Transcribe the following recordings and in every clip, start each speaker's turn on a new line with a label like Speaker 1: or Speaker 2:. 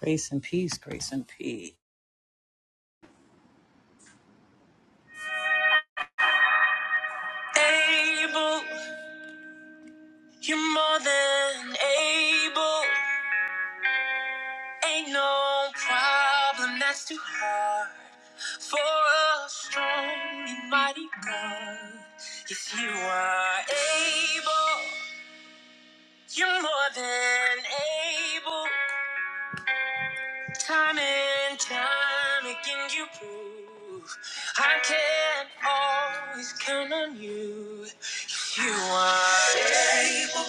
Speaker 1: Grace and peace, grace and peace. Able, you're more than able. Ain't no problem that's too hard for a strong and mighty God. Yes, you are able, you're more than able. Time and time again, you prove I can always count on you. Yes, you are able.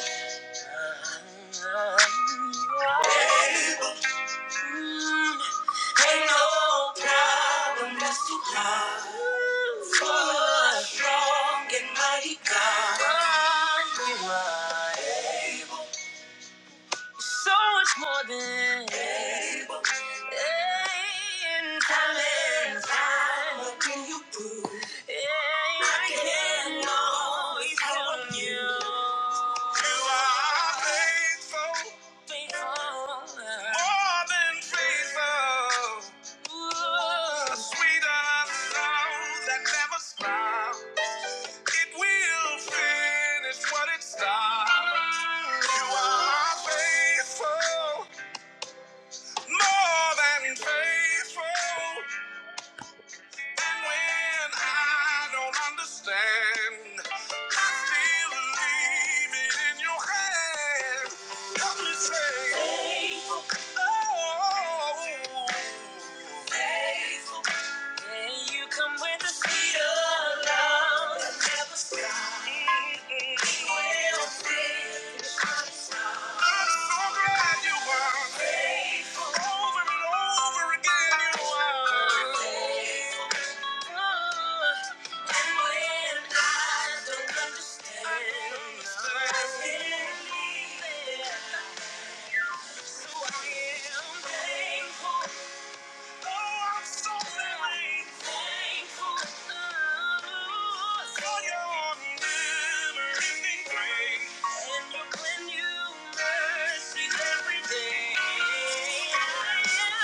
Speaker 1: Ain't no problem that's too hard for You are So much more than able. In time and you I can always count on you. You are able. More than faithful. A sweeter sound that never stops. It will finish what it starts. You are faithful, more than faithful. And when I don't understand, I still leave it in your hand. Help me say, oh, May you come with the speed of love. Never stop. mm We will see. I'm so glad you are. faithful. Over and over again, you are. faithful. And when I don't understand, I don't understand. I still believe it. So I am thankful. Oh, I'm so very thankful for your never grace and your new mercies every day. I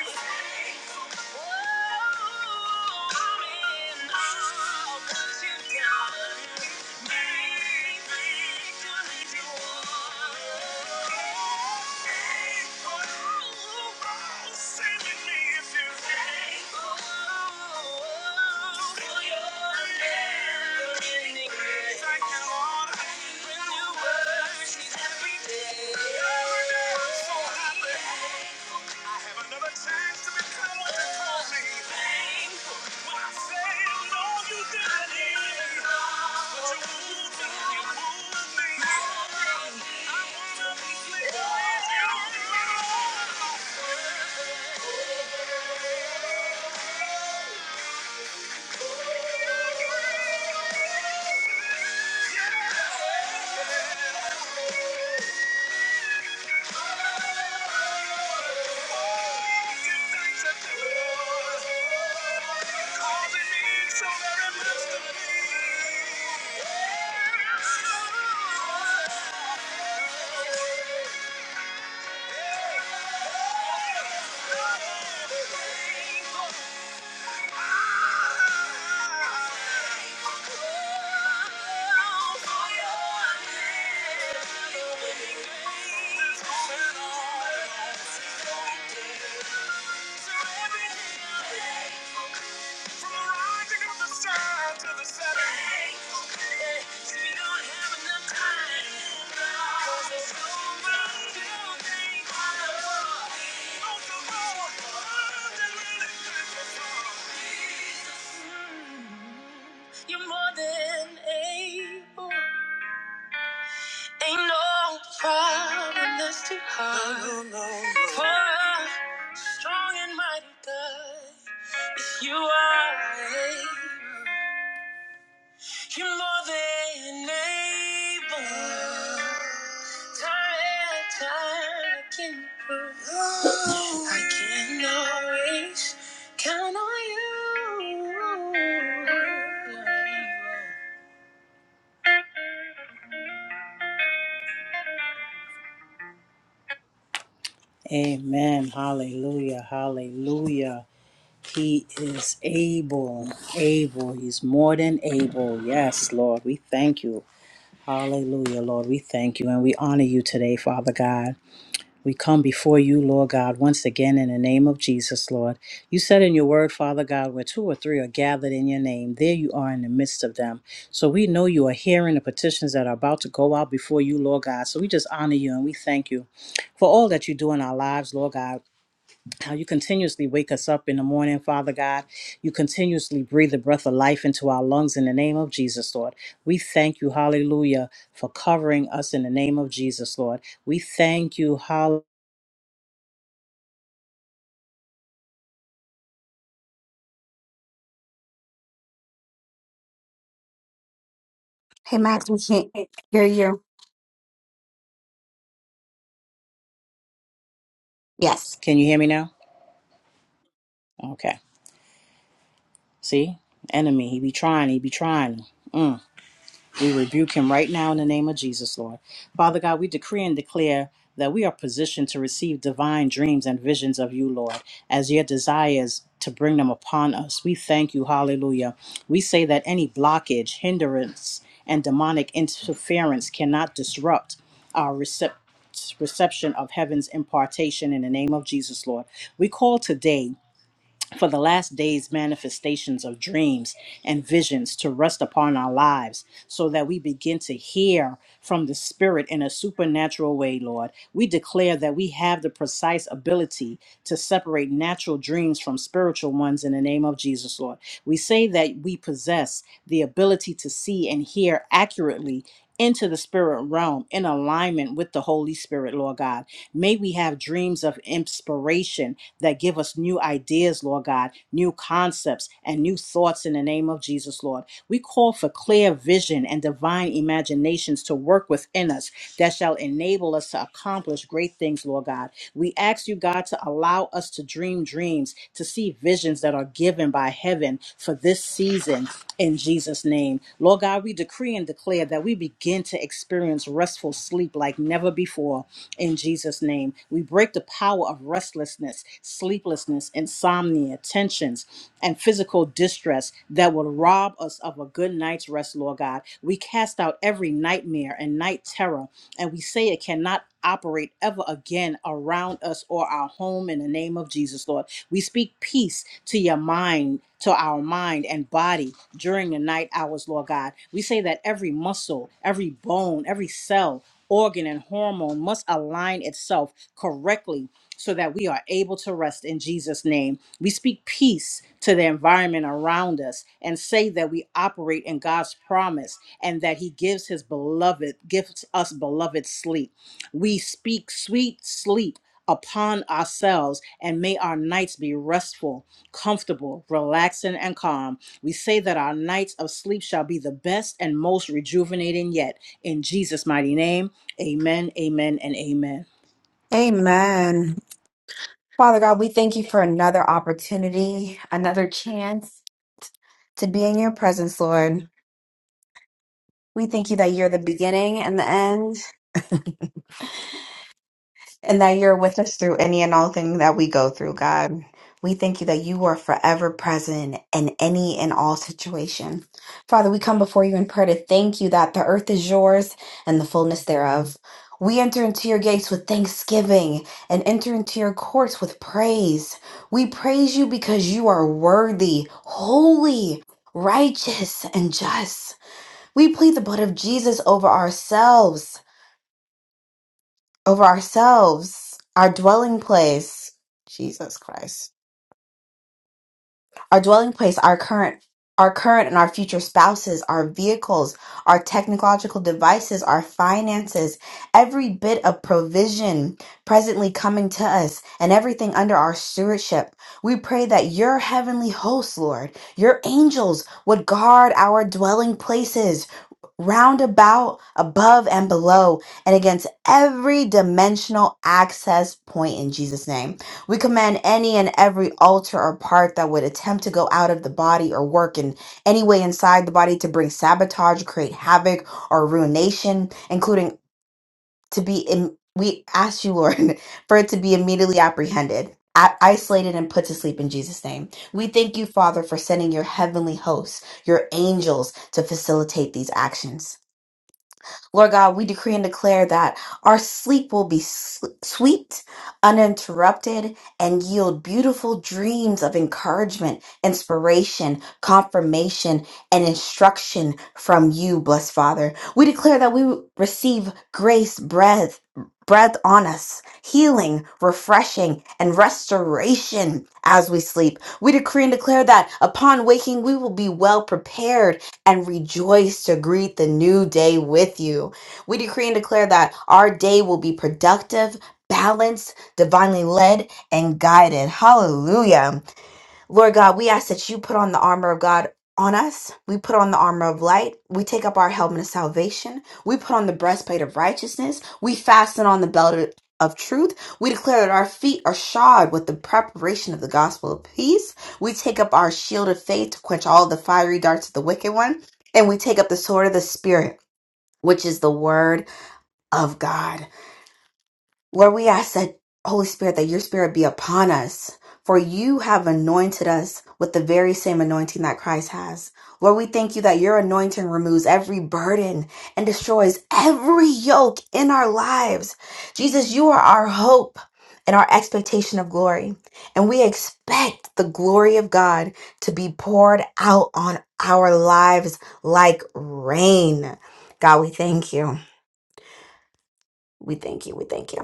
Speaker 1: am so She's every day. I'm so happy. I have another chance to become what you call me. Thankful. When I say I you did it. But you moved me, you moved me. I wanna be with you. Yeah. Thank you. From the rising of the sun to the setting. Hey, see, we don't have enough time. 'Cause there's so much to think about. Most of all, love that really matters. You're more than able. Ain't no problem that's too hard. No, no, no. For a strong and mighty God, if you are able. You're more than able. Time and time again, you prove. I can always count on you. Amen. Hallelujah. Hallelujah. He is able, able. He's more than able. Yes, Lord, we thank you. Hallelujah, Lord, we thank you and we honor you today, Father God. We come before you, Lord God, once again in the name of Jesus, Lord. You said in your word, Father God, where two or three are gathered in your name, there you are in the midst of them. So we know you are hearing the petitions that are about to go out before you, Lord God. So we just honor you and we thank you for all that you do in our lives, Lord God. How you continuously wake us up in the morning, Father God. You continuously breathe the breath of life into our lungs in the name of Jesus, Lord. We thank you, hallelujah, for covering us in the name of Jesus, Lord. We thank you, hallelujah.
Speaker 2: Hey, Max, we can't hear you. Yes.
Speaker 1: Can you hear me now? Okay. See? Enemy. He be trying. He be trying. Mm. We rebuke him right now in the name of Jesus, Lord. Father God, we decree and declare that we are positioned to receive divine dreams and visions of you, Lord, as your desires to bring them upon us. We thank you. Hallelujah. We say that any blockage, hindrance, and demonic interference cannot disrupt our recep- reception of heaven's impartation in the name of Jesus, Lord. We call today for the last day's manifestations of dreams and visions to rest upon our lives so that we begin to hear from the Spirit in a supernatural way, Lord. We declare that we have the precise ability to separate natural dreams from spiritual ones in the name of Jesus, Lord. We say that we possess the ability to see and hear accurately. Into the spirit realm in alignment with the Holy Spirit, Lord God. May we have dreams of inspiration that give us new ideas, Lord God, new concepts and new thoughts in the name of Jesus, Lord. We call for clear vision and divine imaginations to work within us that shall enable us to accomplish great things, Lord God. We ask you, God, to allow us to dream dreams, to see visions that are given by heaven for this season in Jesus' name. Lord God, we we decree and declare that we begin to experience restful sleep like never before in Jesus' name. We break the power of restlessness, sleeplessness, insomnia, tensions, and physical distress that will rob us of a good night's rest, Lord God. We cast out every nightmare and night terror, and we say it cannot operate ever again around us or our home in the name of Jesus, Lord. We speak peace to your mind, to our mind and body during the night hours, Lord God. We say that every muscle, every bone, every cell, organ, and hormone must align itself correctly so that we are able to rest in Jesus' name. We speak peace to the environment around us and say that we operate in God's promise and that He gives His beloved, gives us beloved sleep. We speak sweet sleep upon ourselves, and may our nights be restful, comfortable, relaxing, and calm. We say that our nights of sleep shall be the best and most rejuvenating yet. In Jesus' mighty name, amen, amen, and amen.
Speaker 2: Amen. Father God, we thank you for another opportunity, another chance to be in your presence, Lord. We thank you that you're the beginning and the end. and that you're with us through any and all thing that we go through, God. We thank you that you are forever present in any and all situation. Father, we come before you in prayer to thank you that the earth is yours and the fullness thereof. We enter into your gates with thanksgiving and enter into your courts with praise. We praise you because you are worthy, holy, righteous, and just. We plead the blood of Jesus over ourselves over ourselves, our dwelling place, Jesus Christ, our dwelling place, our current, our current and our future spouses, our vehicles, our technological devices, our finances, every bit of provision presently coming to us and everything under our stewardship. We pray that your heavenly hosts, Lord, your angels would guard our dwelling places round about, above, and below, and against every dimensional access point in Jesus' name. We command any and every altar or part that would attempt to go out of the body or work in any way inside the body to bring sabotage, create havoc, or ruination, including to be in. We ask you, Lord, for it to be immediately apprehended, a- isolated, and put to sleep in Jesus' name. We thank you, Father, for sending your heavenly hosts, your angels, to facilitate these actions. Lord God, we decree and declare that our sleep will be sl- sweet, uninterrupted, and yield beautiful dreams of encouragement, inspiration, confirmation, and instruction from you, blessed Father. We declare that we receive grace, breath, breath on us, healing, refreshing, and restoration as we sleep. We decree and declare that upon waking, we will be well prepared and rejoice to greet the new day with you. We decree and declare that our day will be productive, balanced, divinely led, and guided. Hallelujah. Lord God, we ask that you put on the armor of God on us. We put on the armor of light. We take up our helmet of salvation. We put on the breastplate of righteousness. We fasten on the belt of of truth. We declare that our feet are shod with the preparation of the gospel of peace. We take up our shield of faith to quench all the fiery darts of the wicked one. And we take up the sword of the Spirit, which is the word of God. Lord, we ask that, Holy Spirit, that your spirit be upon us, for you have anointed us with the very same anointing that Christ has. Lord, we thank you that your anointing removes every burden and destroys every yoke in our lives. Jesus, you are our hope and our expectation of glory. And we expect the glory of God to be poured out on our lives like rain. God, we thank you. We thank you. We thank you.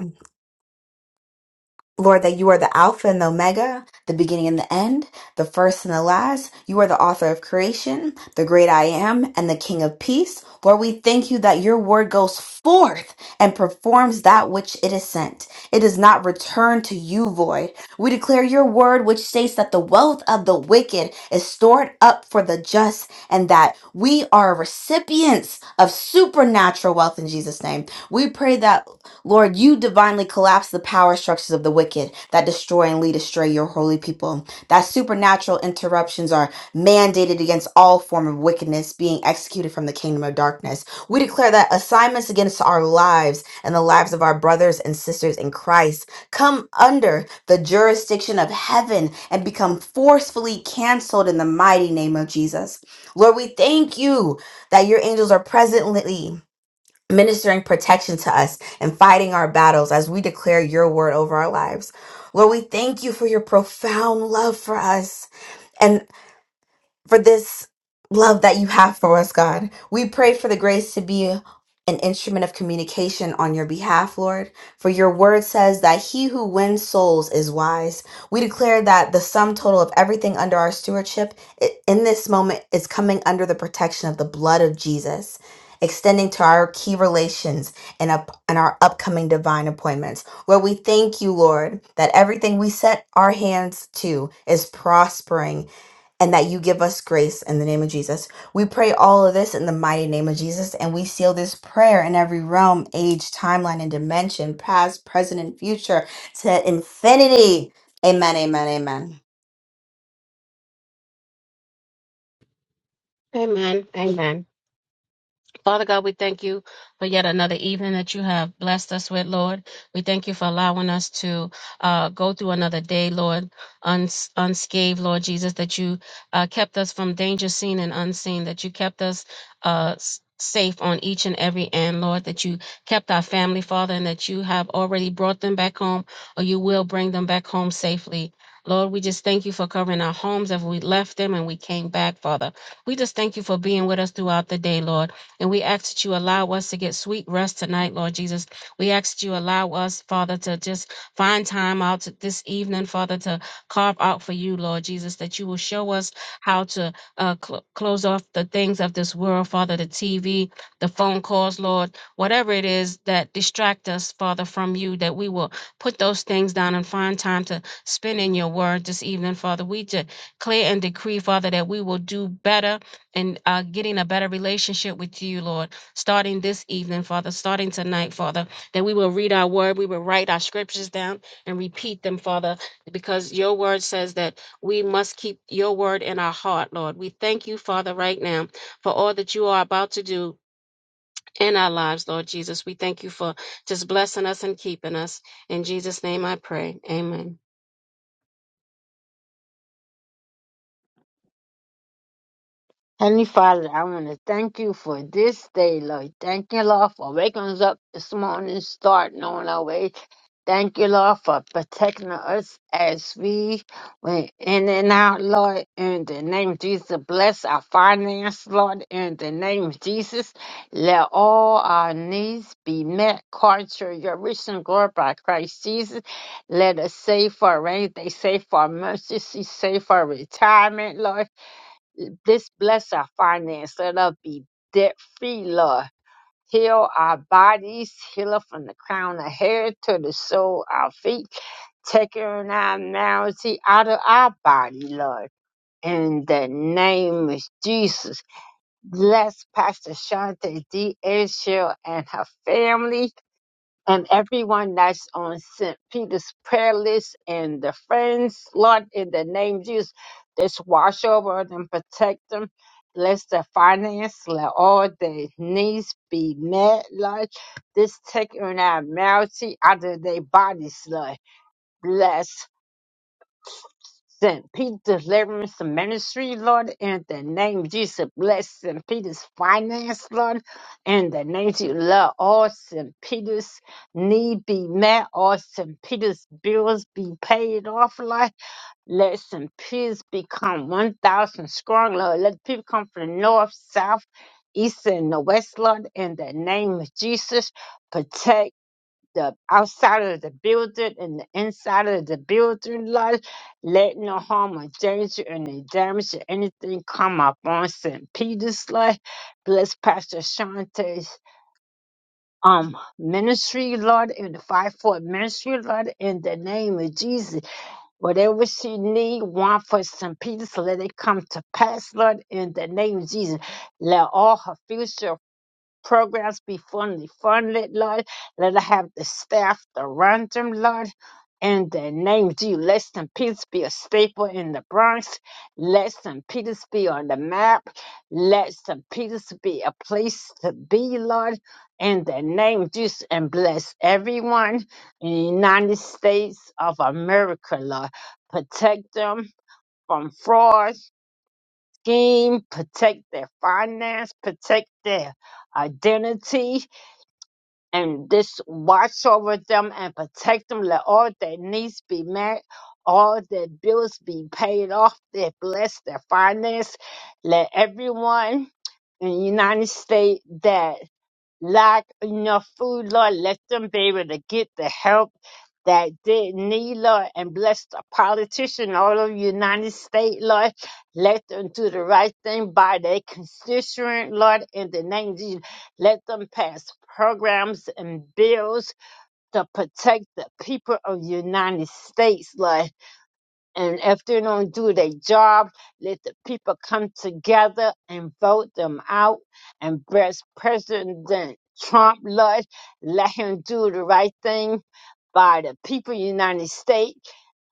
Speaker 2: Lord, that you are the Alpha and the Omega, the beginning and the end, the first and the last. You are the author of creation, the great I am, and the King of peace. Lord, we thank you that your word goes forth and performs that which it is sent. It does not return to you void. We declare your word, which states that the wealth of the wicked is stored up for the just, and that we are recipients of supernatural wealth in Jesus' name. We pray that. Lord, you divinely collapse the power structures of the wicked that destroy and lead astray your holy people. That supernatural interruptions are mandated against all form of wickedness being executed from the kingdom of darkness. We declare that assignments against our lives and the lives of our brothers and sisters in Christ come under the jurisdiction of heaven and become forcefully canceled in the mighty name of Jesus. Lord, we thank you that your angels are presently ministering protection to us and fighting our battles as we declare your word over our lives. Lord, we thank you for your profound love for us for this love that you have for us, God. We pray for the grace to be an instrument of communication on your behalf, Lord. For your word says that he who wins souls is wise. We declare that the sum total of everything under our stewardship i- in this moment is coming under the protection of the blood of Jesus. Extending to our key relations and up and our upcoming divine appointments, where we thank you, Lord, that everything we set our hands to is prospering and that you give us grace in the name of Jesus. We pray all of this in the mighty name of Jesus, and we seal this prayer in every realm, age, timeline, and dimension, past, present, and future, to infinity. Amen, amen, amen.
Speaker 3: Amen. Amen. Father God, we thank you for yet another evening that you have blessed us with, Lord. We thank you for allowing us to uh, go through another day, Lord, uns- unscathed, Lord Jesus, that you uh, kept us from danger seen and unseen, that you kept us uh, s- safe on each and every end, Lord, that you kept our family, Father, and that you have already brought them back home or you will bring them back home safely. Lord, we just thank you for covering our homes as we left them and we came back, Father. We just thank you for being with us throughout the day, Lord. And we ask that you allow us to get sweet rest tonight, Lord Jesus. We ask that you allow us, Father, to just find time out to- this evening, Father, to carve out for you, Lord Jesus, that you will show us how to uh, cl- close off the things of this world, Father, the TV, the phone calls, Lord, whatever it is that distract us, Father, from you, that we will put those things down and find time to spend in your word this evening, Father. We declare and decree, Father, that we will do better and uh, getting a better relationship with you, Lord, starting this evening, Father, starting tonight, Father, that we will read our word, we will write our scriptures down and repeat them, Father, because your word says that we must keep your word in our heart, Lord. We thank you, Father, right now for all that you are about to do. In our lives, Lord Jesus, we thank you for just blessing us and keeping us. In Jesus' name I pray. Amen.
Speaker 4: Heavenly Father, I want to thank you for this day, Lord. Thank you, Lord, for waking us up this morning, starting on our way. Thank you, Lord, for protecting us as we went in and out, Lord. In the name of Jesus, bless our finance, Lord. In the name of Jesus, let all our needs be met. Culture, your rich and glory by Christ Jesus. Let us save for rain, they save for emergency, save for retirement, Lord. This bless our finance. Let us be debt free, Lord. Heal our bodies. Heal us from the crown of hair to the sole of our feet. Take our malady out of our body, Lord. In the name of Jesus, bless Pastor Shante D. Israel and her family and everyone that's on St. Peter's prayer list and the friends, Lord, in the name of Jesus, just wash over them, protect them. Bless their finance, let all their needs be met, Lord. This take an abnormality out of their bodies, Lord. Bless. St. Peter Deliverance Ministry, Lord, in the name of Jesus. Bless St. Peter's finance, Lord, in the name of Jesus. Let all St. Peter's need be met, all St. Peter's bills be paid off, Lord. Let St. Peter's become 1,000 strong, Lord. Let people come from the north, south, east, and the west, Lord, in the name of Jesus. Protect the outside of the building and the inside of the building, Lord. Let no harm or danger and any damage or anything come up on St. Peter's, Lord. Bless Pastor Shantae's um ministry, Lord, and the 5 Four ministry, Lord, in the name of Jesus. Whatever she need, want for St. Peter's, let it come to pass, Lord, in the name of Jesus. Let all her future programs be fully funded, Lord. Let us have the staff to run them, Lord. In the name of Jesus, let St. Peter's be a staple in the Bronx. Let St. Peter's be on the map. Let St. Peter's be a place to be, Lord. In the name of Jesus, and bless everyone in the United States of America, Lord. Protect them from fraud, scheme, protect their finance, protect their identity and just watch over them and protect them. Let all their needs be met, all their bills be paid off. They bless their finance. Let everyone in the United States that lack enough food, Lord. Let them be able to get the help that they need, Lord, and bless the politician all over the United States, Lord. Let them do the right thing by their constituent, Lord, in the name of Jesus. Let them pass programs and bills to protect the people of the United States, Lord. And if they don't do their job, let the people come together and vote them out. And best President Trump, Lord, let him do the right thing by the people of the United States.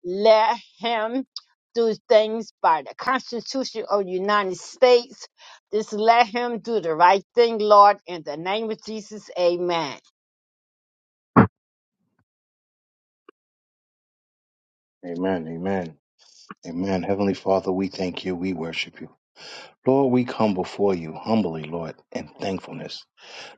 Speaker 4: Let him do things by the Constitution of the United States. Just let him do the right thing, Lord, in the name of Jesus. Amen.
Speaker 5: Amen. Amen. Amen. Heavenly Father, we thank you. We worship you. Lord, we come before you humbly, Lord, in thankfulness.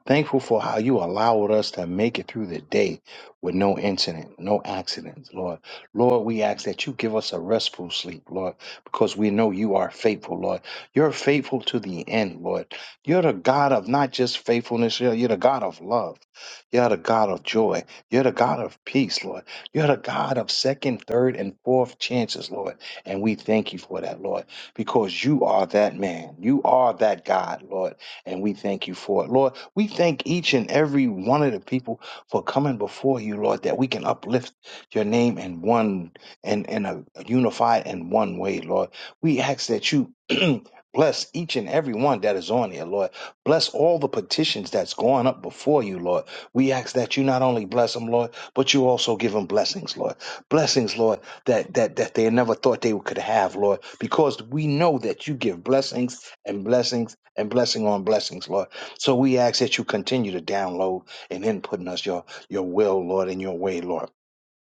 Speaker 5: Thankful for how you allowed us to make it through the day with no incident, no accidents, Lord. Lord, we ask that you give us a restful sleep, Lord, because we know you are faithful, Lord. You're faithful to the end, Lord. You're the God of not just faithfulness, you're you're the God of love. You're the God of joy. You're the God of peace, Lord. You're the God of second, third, and fourth chances, Lord. And we thank you for that, Lord, because you are that man. You are that God, Lord and we thank you for it. Lord, we thank each and every one of the people for coming before you, Lord, that we can uplift your name in one and in, in a unified and one way, Lord. We ask that you bless each and every one that is on here, Lord. Bless all the petitions that's going up before you, Lord. We ask that you not only bless them, Lord, but you also give them blessings, Lord. Blessings, Lord, that that that they never thought they could have, Lord, because we know that you give blessings and blessings and blessing on blessings, Lord. So we ask that you continue to download and input in us your, your will, Lord, and your way, Lord.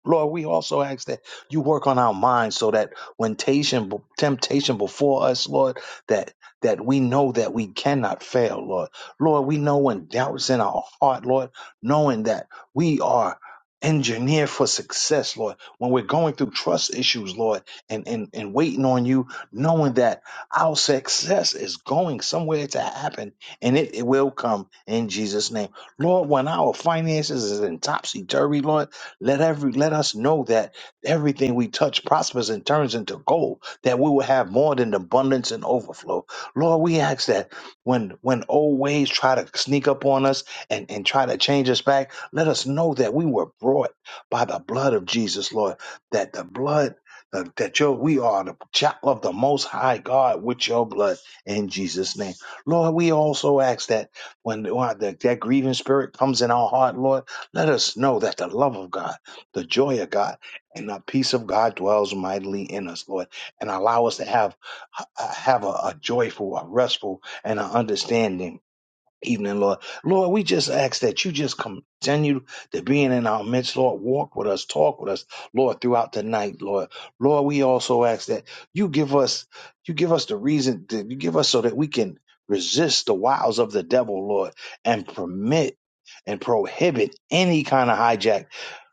Speaker 5: Lord, we also ask that you work on our minds so that when temptation, temptation before us, Lord, that that we know that we cannot fail, Lord. Lord, we know when doubts in our heart, Lord, knowing that we are engineered for success, Lord. When we're going through trust issues, Lord, and, and, and waiting on you, knowing that our success is going somewhere to happen and it, it will come in Jesus' name. Lord, when our finances is in topsy-turvy, Lord, let every let us know that everything we touch prospers and turns into gold, that we will have more than abundance and overflow. Lord, we ask that when when old ways try to sneak up on us and, and try to change us back, let us know that we were brought by the blood of Jesus, Lord, that the blood uh, that your we are the child of the most high God with your blood in Jesus' name. Lord, we also ask that when when that, that grieving spirit comes in our heart, Lord. Let us know that the love of God, the joy of God, and the peace of God dwells mightily in us, Lord, and allow us to have uh, have a, a joyful, a restful, and an understanding evening, Lord. Lord, we just ask that you just continue to be in our midst, Lord. Walk with us, talk with us, Lord, throughout the night, Lord. Lord, we also ask that you give us, you give us the reason that you give us so that we can resist the wiles of the devil, Lord, and permit and prohibit any kind of hijack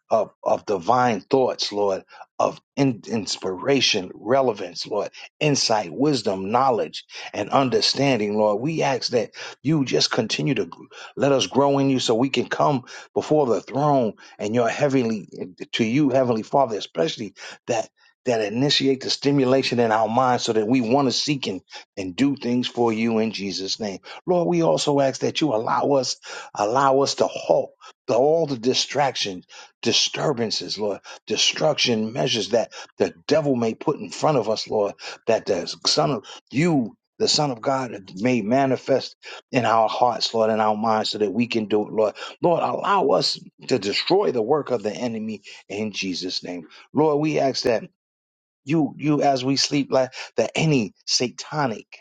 Speaker 5: of, of divine thoughts, Lord, of in, inspiration, relevance, Lord, insight, wisdom, knowledge, and understanding, Lord. We ask that you just continue to gr- let us grow in you so we can come before the throne and your heavenly, to you, Heavenly Father, especially that. That initiate the stimulation in our minds so that we want to seek and, and do things for you in Jesus' name. Lord, we also ask that you allow us, allow us to halt the, all the distractions disturbances, Lord, destruction measures that the devil may put in front of us, Lord, that the Son of you, the Son of God, may manifest in our hearts, Lord, in our minds, so that we can do it, Lord. Lord, allow us to destroy the work of the enemy in Jesus' name. Lord, we ask that you you as we sleep like that any satanic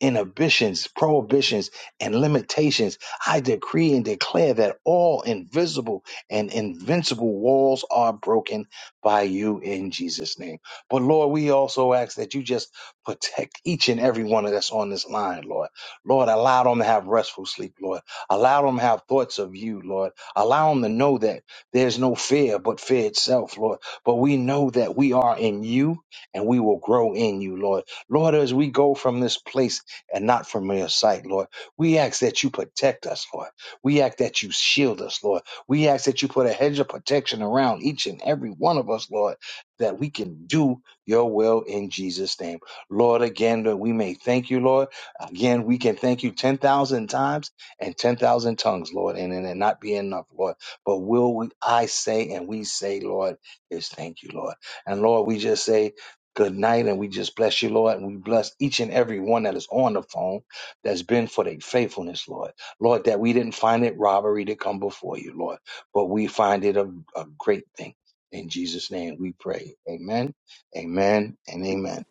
Speaker 5: inhibitions prohibitions and limitations i decree and declare that all invisible and invincible walls are broken by you in jesus name but lord we also ask that you just protect each and every one of us on this line lord lord allow them to have restful sleep lord allow them to have thoughts of you lord allow them to know that there's no fear but fear itself lord but we know that we are in you and we will grow in you, Lord. Lord, as we go from this place and not from your sight, Lord, we ask that you protect us, Lord. We ask that you shield us, Lord. We ask that you put a hedge of protection around each and every one of us, Lord, that we can do your will in Jesus' name. Lord, again, that we may thank you, Lord. Again, we can thank you 10,000 times and 10,000 tongues, Lord, and and it not be enough, Lord. But will we, I say and we say, Lord, is thank you, Lord. And Lord, we just say, good night. And we just bless you, Lord. And we bless each and every one that is on the phone that's been for their faithfulness, Lord. Lord, that we didn't find it robbery to come before you, Lord, but we find it a, a great thing. In Jesus' name we pray. Amen, amen, and amen.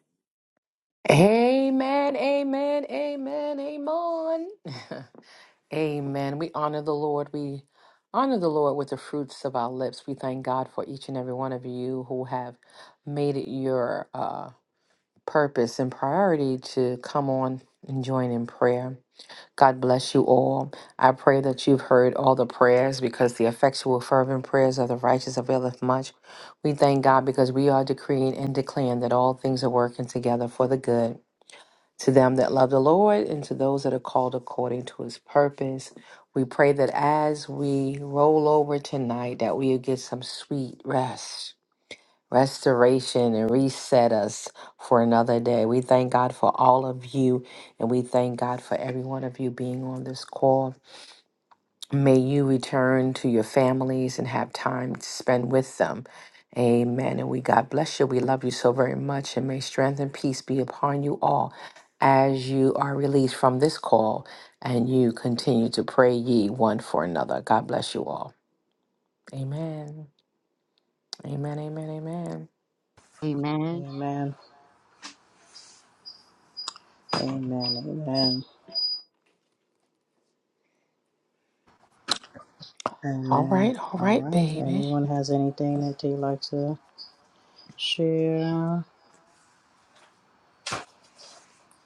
Speaker 6: Amen, amen, amen, amen. amen. We honor the Lord. We honor the Lord with the fruits of our lips. We thank God for each and every one of you who have made it your uh, purpose and priority to come on and join in prayer. God bless you all. I pray that you've heard all the prayers because the effectual, fervent prayers of the righteous availeth much. We thank God because we are decreeing and declaring that all things are working together for the good to them that love the Lord and to those that are called according to his purpose, we pray that as we roll over tonight that we get some sweet rest, restoration and reset us for another day. We thank God for all of you and we thank God for every one of you being on this call. May you return to your families and have time to spend with them. Amen. And we God bless you. We love you so very much. And may strength and peace be upon you all as you are released from this call and you continue to pray ye one for another. God bless you all. Amen. Amen. Amen. Amen.
Speaker 4: Amen.
Speaker 1: Amen. Amen. Amen.
Speaker 6: All
Speaker 1: Amen.
Speaker 6: right. All
Speaker 1: All
Speaker 6: right,
Speaker 1: right.
Speaker 6: baby.
Speaker 1: Anyone has anything that they'd like to share?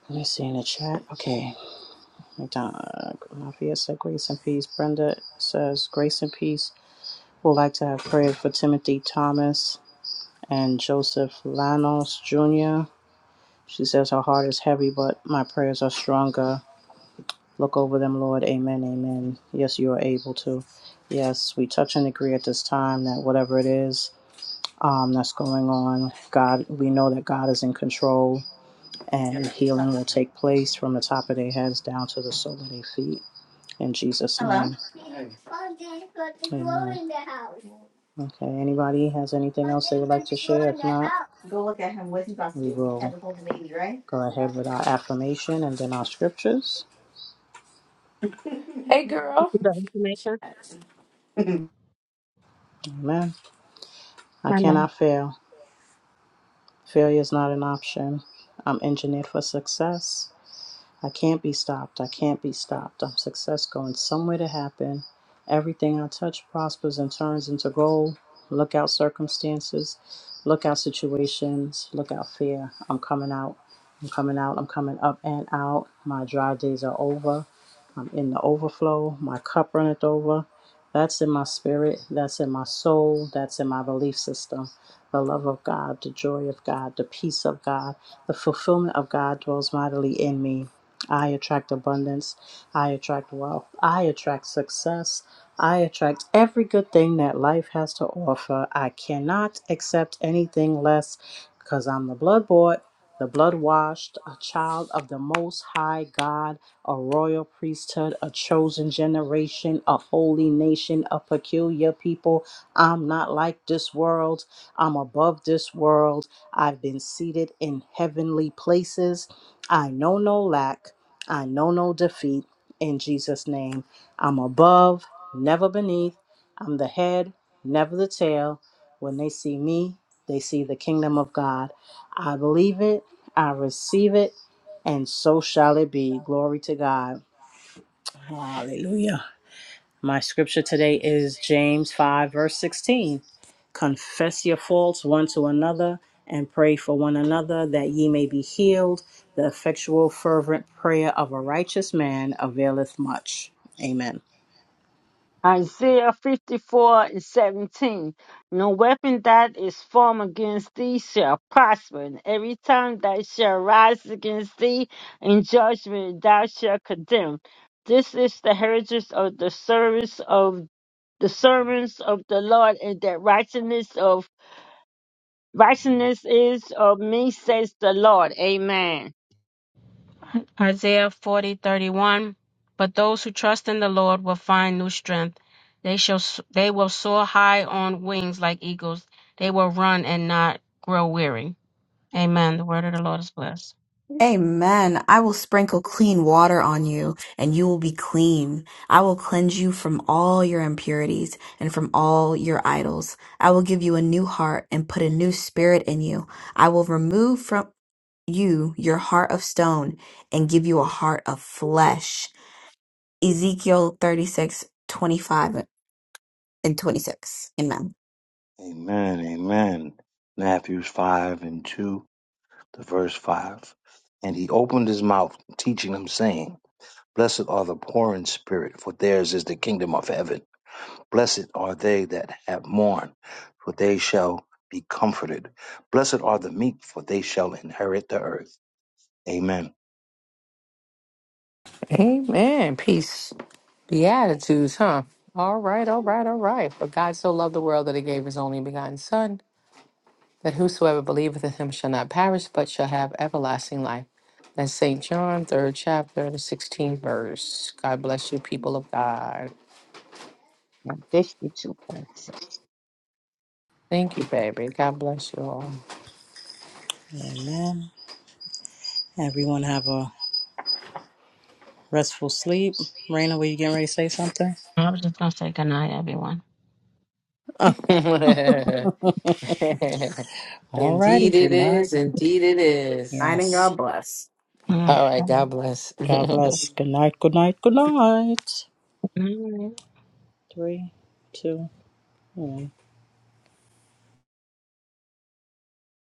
Speaker 1: Let me see in the chat. Okay. McDonald. Mafia said grace and peace. Brenda says grace and peace would like to have prayer for Timothy Thomas and Joseph Lanos Jr. She says her heart is heavy, but my prayers are stronger. Look over them, Lord. Amen. Amen. Yes, you are able to. Yes, we touch and agree at this time that whatever it is um, that's going on, God, we know that God is in control and healing will take place from the top of their heads down to the sole of their feet. In Jesus'
Speaker 6: Hello.
Speaker 1: name,
Speaker 6: in in the glow
Speaker 1: amen.
Speaker 6: in the house.
Speaker 1: Okay, anybody has anything
Speaker 6: Oh,
Speaker 1: else they
Speaker 6: Daddy,
Speaker 1: would like
Speaker 6: put
Speaker 1: to
Speaker 6: the glow
Speaker 1: share?
Speaker 6: in
Speaker 1: If
Speaker 6: the
Speaker 1: not,
Speaker 6: house. Go look at him. What's he about to
Speaker 1: we
Speaker 6: do? He
Speaker 1: will.
Speaker 6: had to hold the baby, right?
Speaker 1: Go ahead with our affirmation and then our scriptures.
Speaker 6: Hey, girl.
Speaker 3: The information?
Speaker 1: Amen. I
Speaker 3: my mom.
Speaker 1: cannot fail. Failure is not an option. I'm engineered for success. I can't be stopped. I can't be stopped. I'm success going somewhere to happen. Everything I touch prospers and turns into gold. Look out circumstances. Look out situations. Look out fear. I'm coming out. I'm coming out. I'm coming up and out. My dry days are over. I'm in the overflow. My cup runneth over. That's in my spirit. That's in my soul. That's in my belief system. The love of God, the joy of God, the peace of God, the fulfillment of God dwells mightily in me. I attract abundance. I attract wealth. I attract success. I attract every good thing that life has to offer. I cannot accept anything less because I'm the blood bought, the blood washed, a child of the Most High God a royal priesthood, a chosen generation, a holy nation, a peculiar people. I'm not like this world. I'm above this world. I've been seated in heavenly places. I know no lack. I know no defeat. In Jesus' name, I'm above, never beneath. I'm the head, never the tail. When they see me, they see the kingdom of God. I believe it. I receive it and so shall it be. Glory to God. Hallelujah. My scripture today is James 5, verse 16. Confess your faults one to another and pray for one another that ye may be healed. The effectual, fervent prayer of a righteous man availeth much. Amen.
Speaker 4: Isaiah 54 and 17. No weapon that is formed against thee shall prosper, and every tongue that shall rise against thee in judgment thou shalt condemn. This is the heritage of the service of the servants of the Lord, and that righteousness of righteousness is of me, says the Lord. Amen.
Speaker 3: Isaiah 40:31. But those who trust in the Lord will find new strength. They shall s- they will soar high on wings like eagles. They will run and not grow weary. Amen. The word of the Lord is blessed.
Speaker 2: Amen. I will sprinkle clean water on you, and you will be clean. I will cleanse you from all your impurities and from all your idols. I will give you a new heart and put a new spirit in you. I will remove from you your heart of stone and give you a heart of flesh. Ezekiel 36 25 and 26. Amen.
Speaker 5: Amen. Amen. Matthews 5 and 2, the verse 5. And he opened his mouth, teaching them, saying, Blessed are the poor in spirit, for theirs is the kingdom of heaven. Blessed are they that have mourned, for they shall be comforted. Blessed are the meek, for they shall inherit the earth. Amen.
Speaker 6: Amen. Peace. Beatitudes, huh? All right, all right, all right. For God so loved the world that he gave his only begotten Son, that whosoever believeth in him shall not perish, but shall have everlasting life. That's St. John, third chapter, the 16th verse. God bless you, people of God.
Speaker 4: Now, 52 verse.
Speaker 6: Thank you, baby. God bless you all.
Speaker 1: Amen. Everyone have a restful sleep. Raina, were you getting ready to say something?
Speaker 3: I was just gonna say good night, everyone.
Speaker 1: Oh, all righty.
Speaker 2: Indeed
Speaker 6: indeed
Speaker 1: Good
Speaker 6: it
Speaker 2: it
Speaker 1: night.
Speaker 6: is.
Speaker 2: is. Indeed
Speaker 6: Indeed it
Speaker 2: it is.
Speaker 6: is.
Speaker 2: Night and
Speaker 1: Yes.
Speaker 2: God bless.
Speaker 3: All
Speaker 6: All right, God bless.
Speaker 1: God bless. Good night. Good night. Good night.
Speaker 3: right.
Speaker 1: Three, two, one.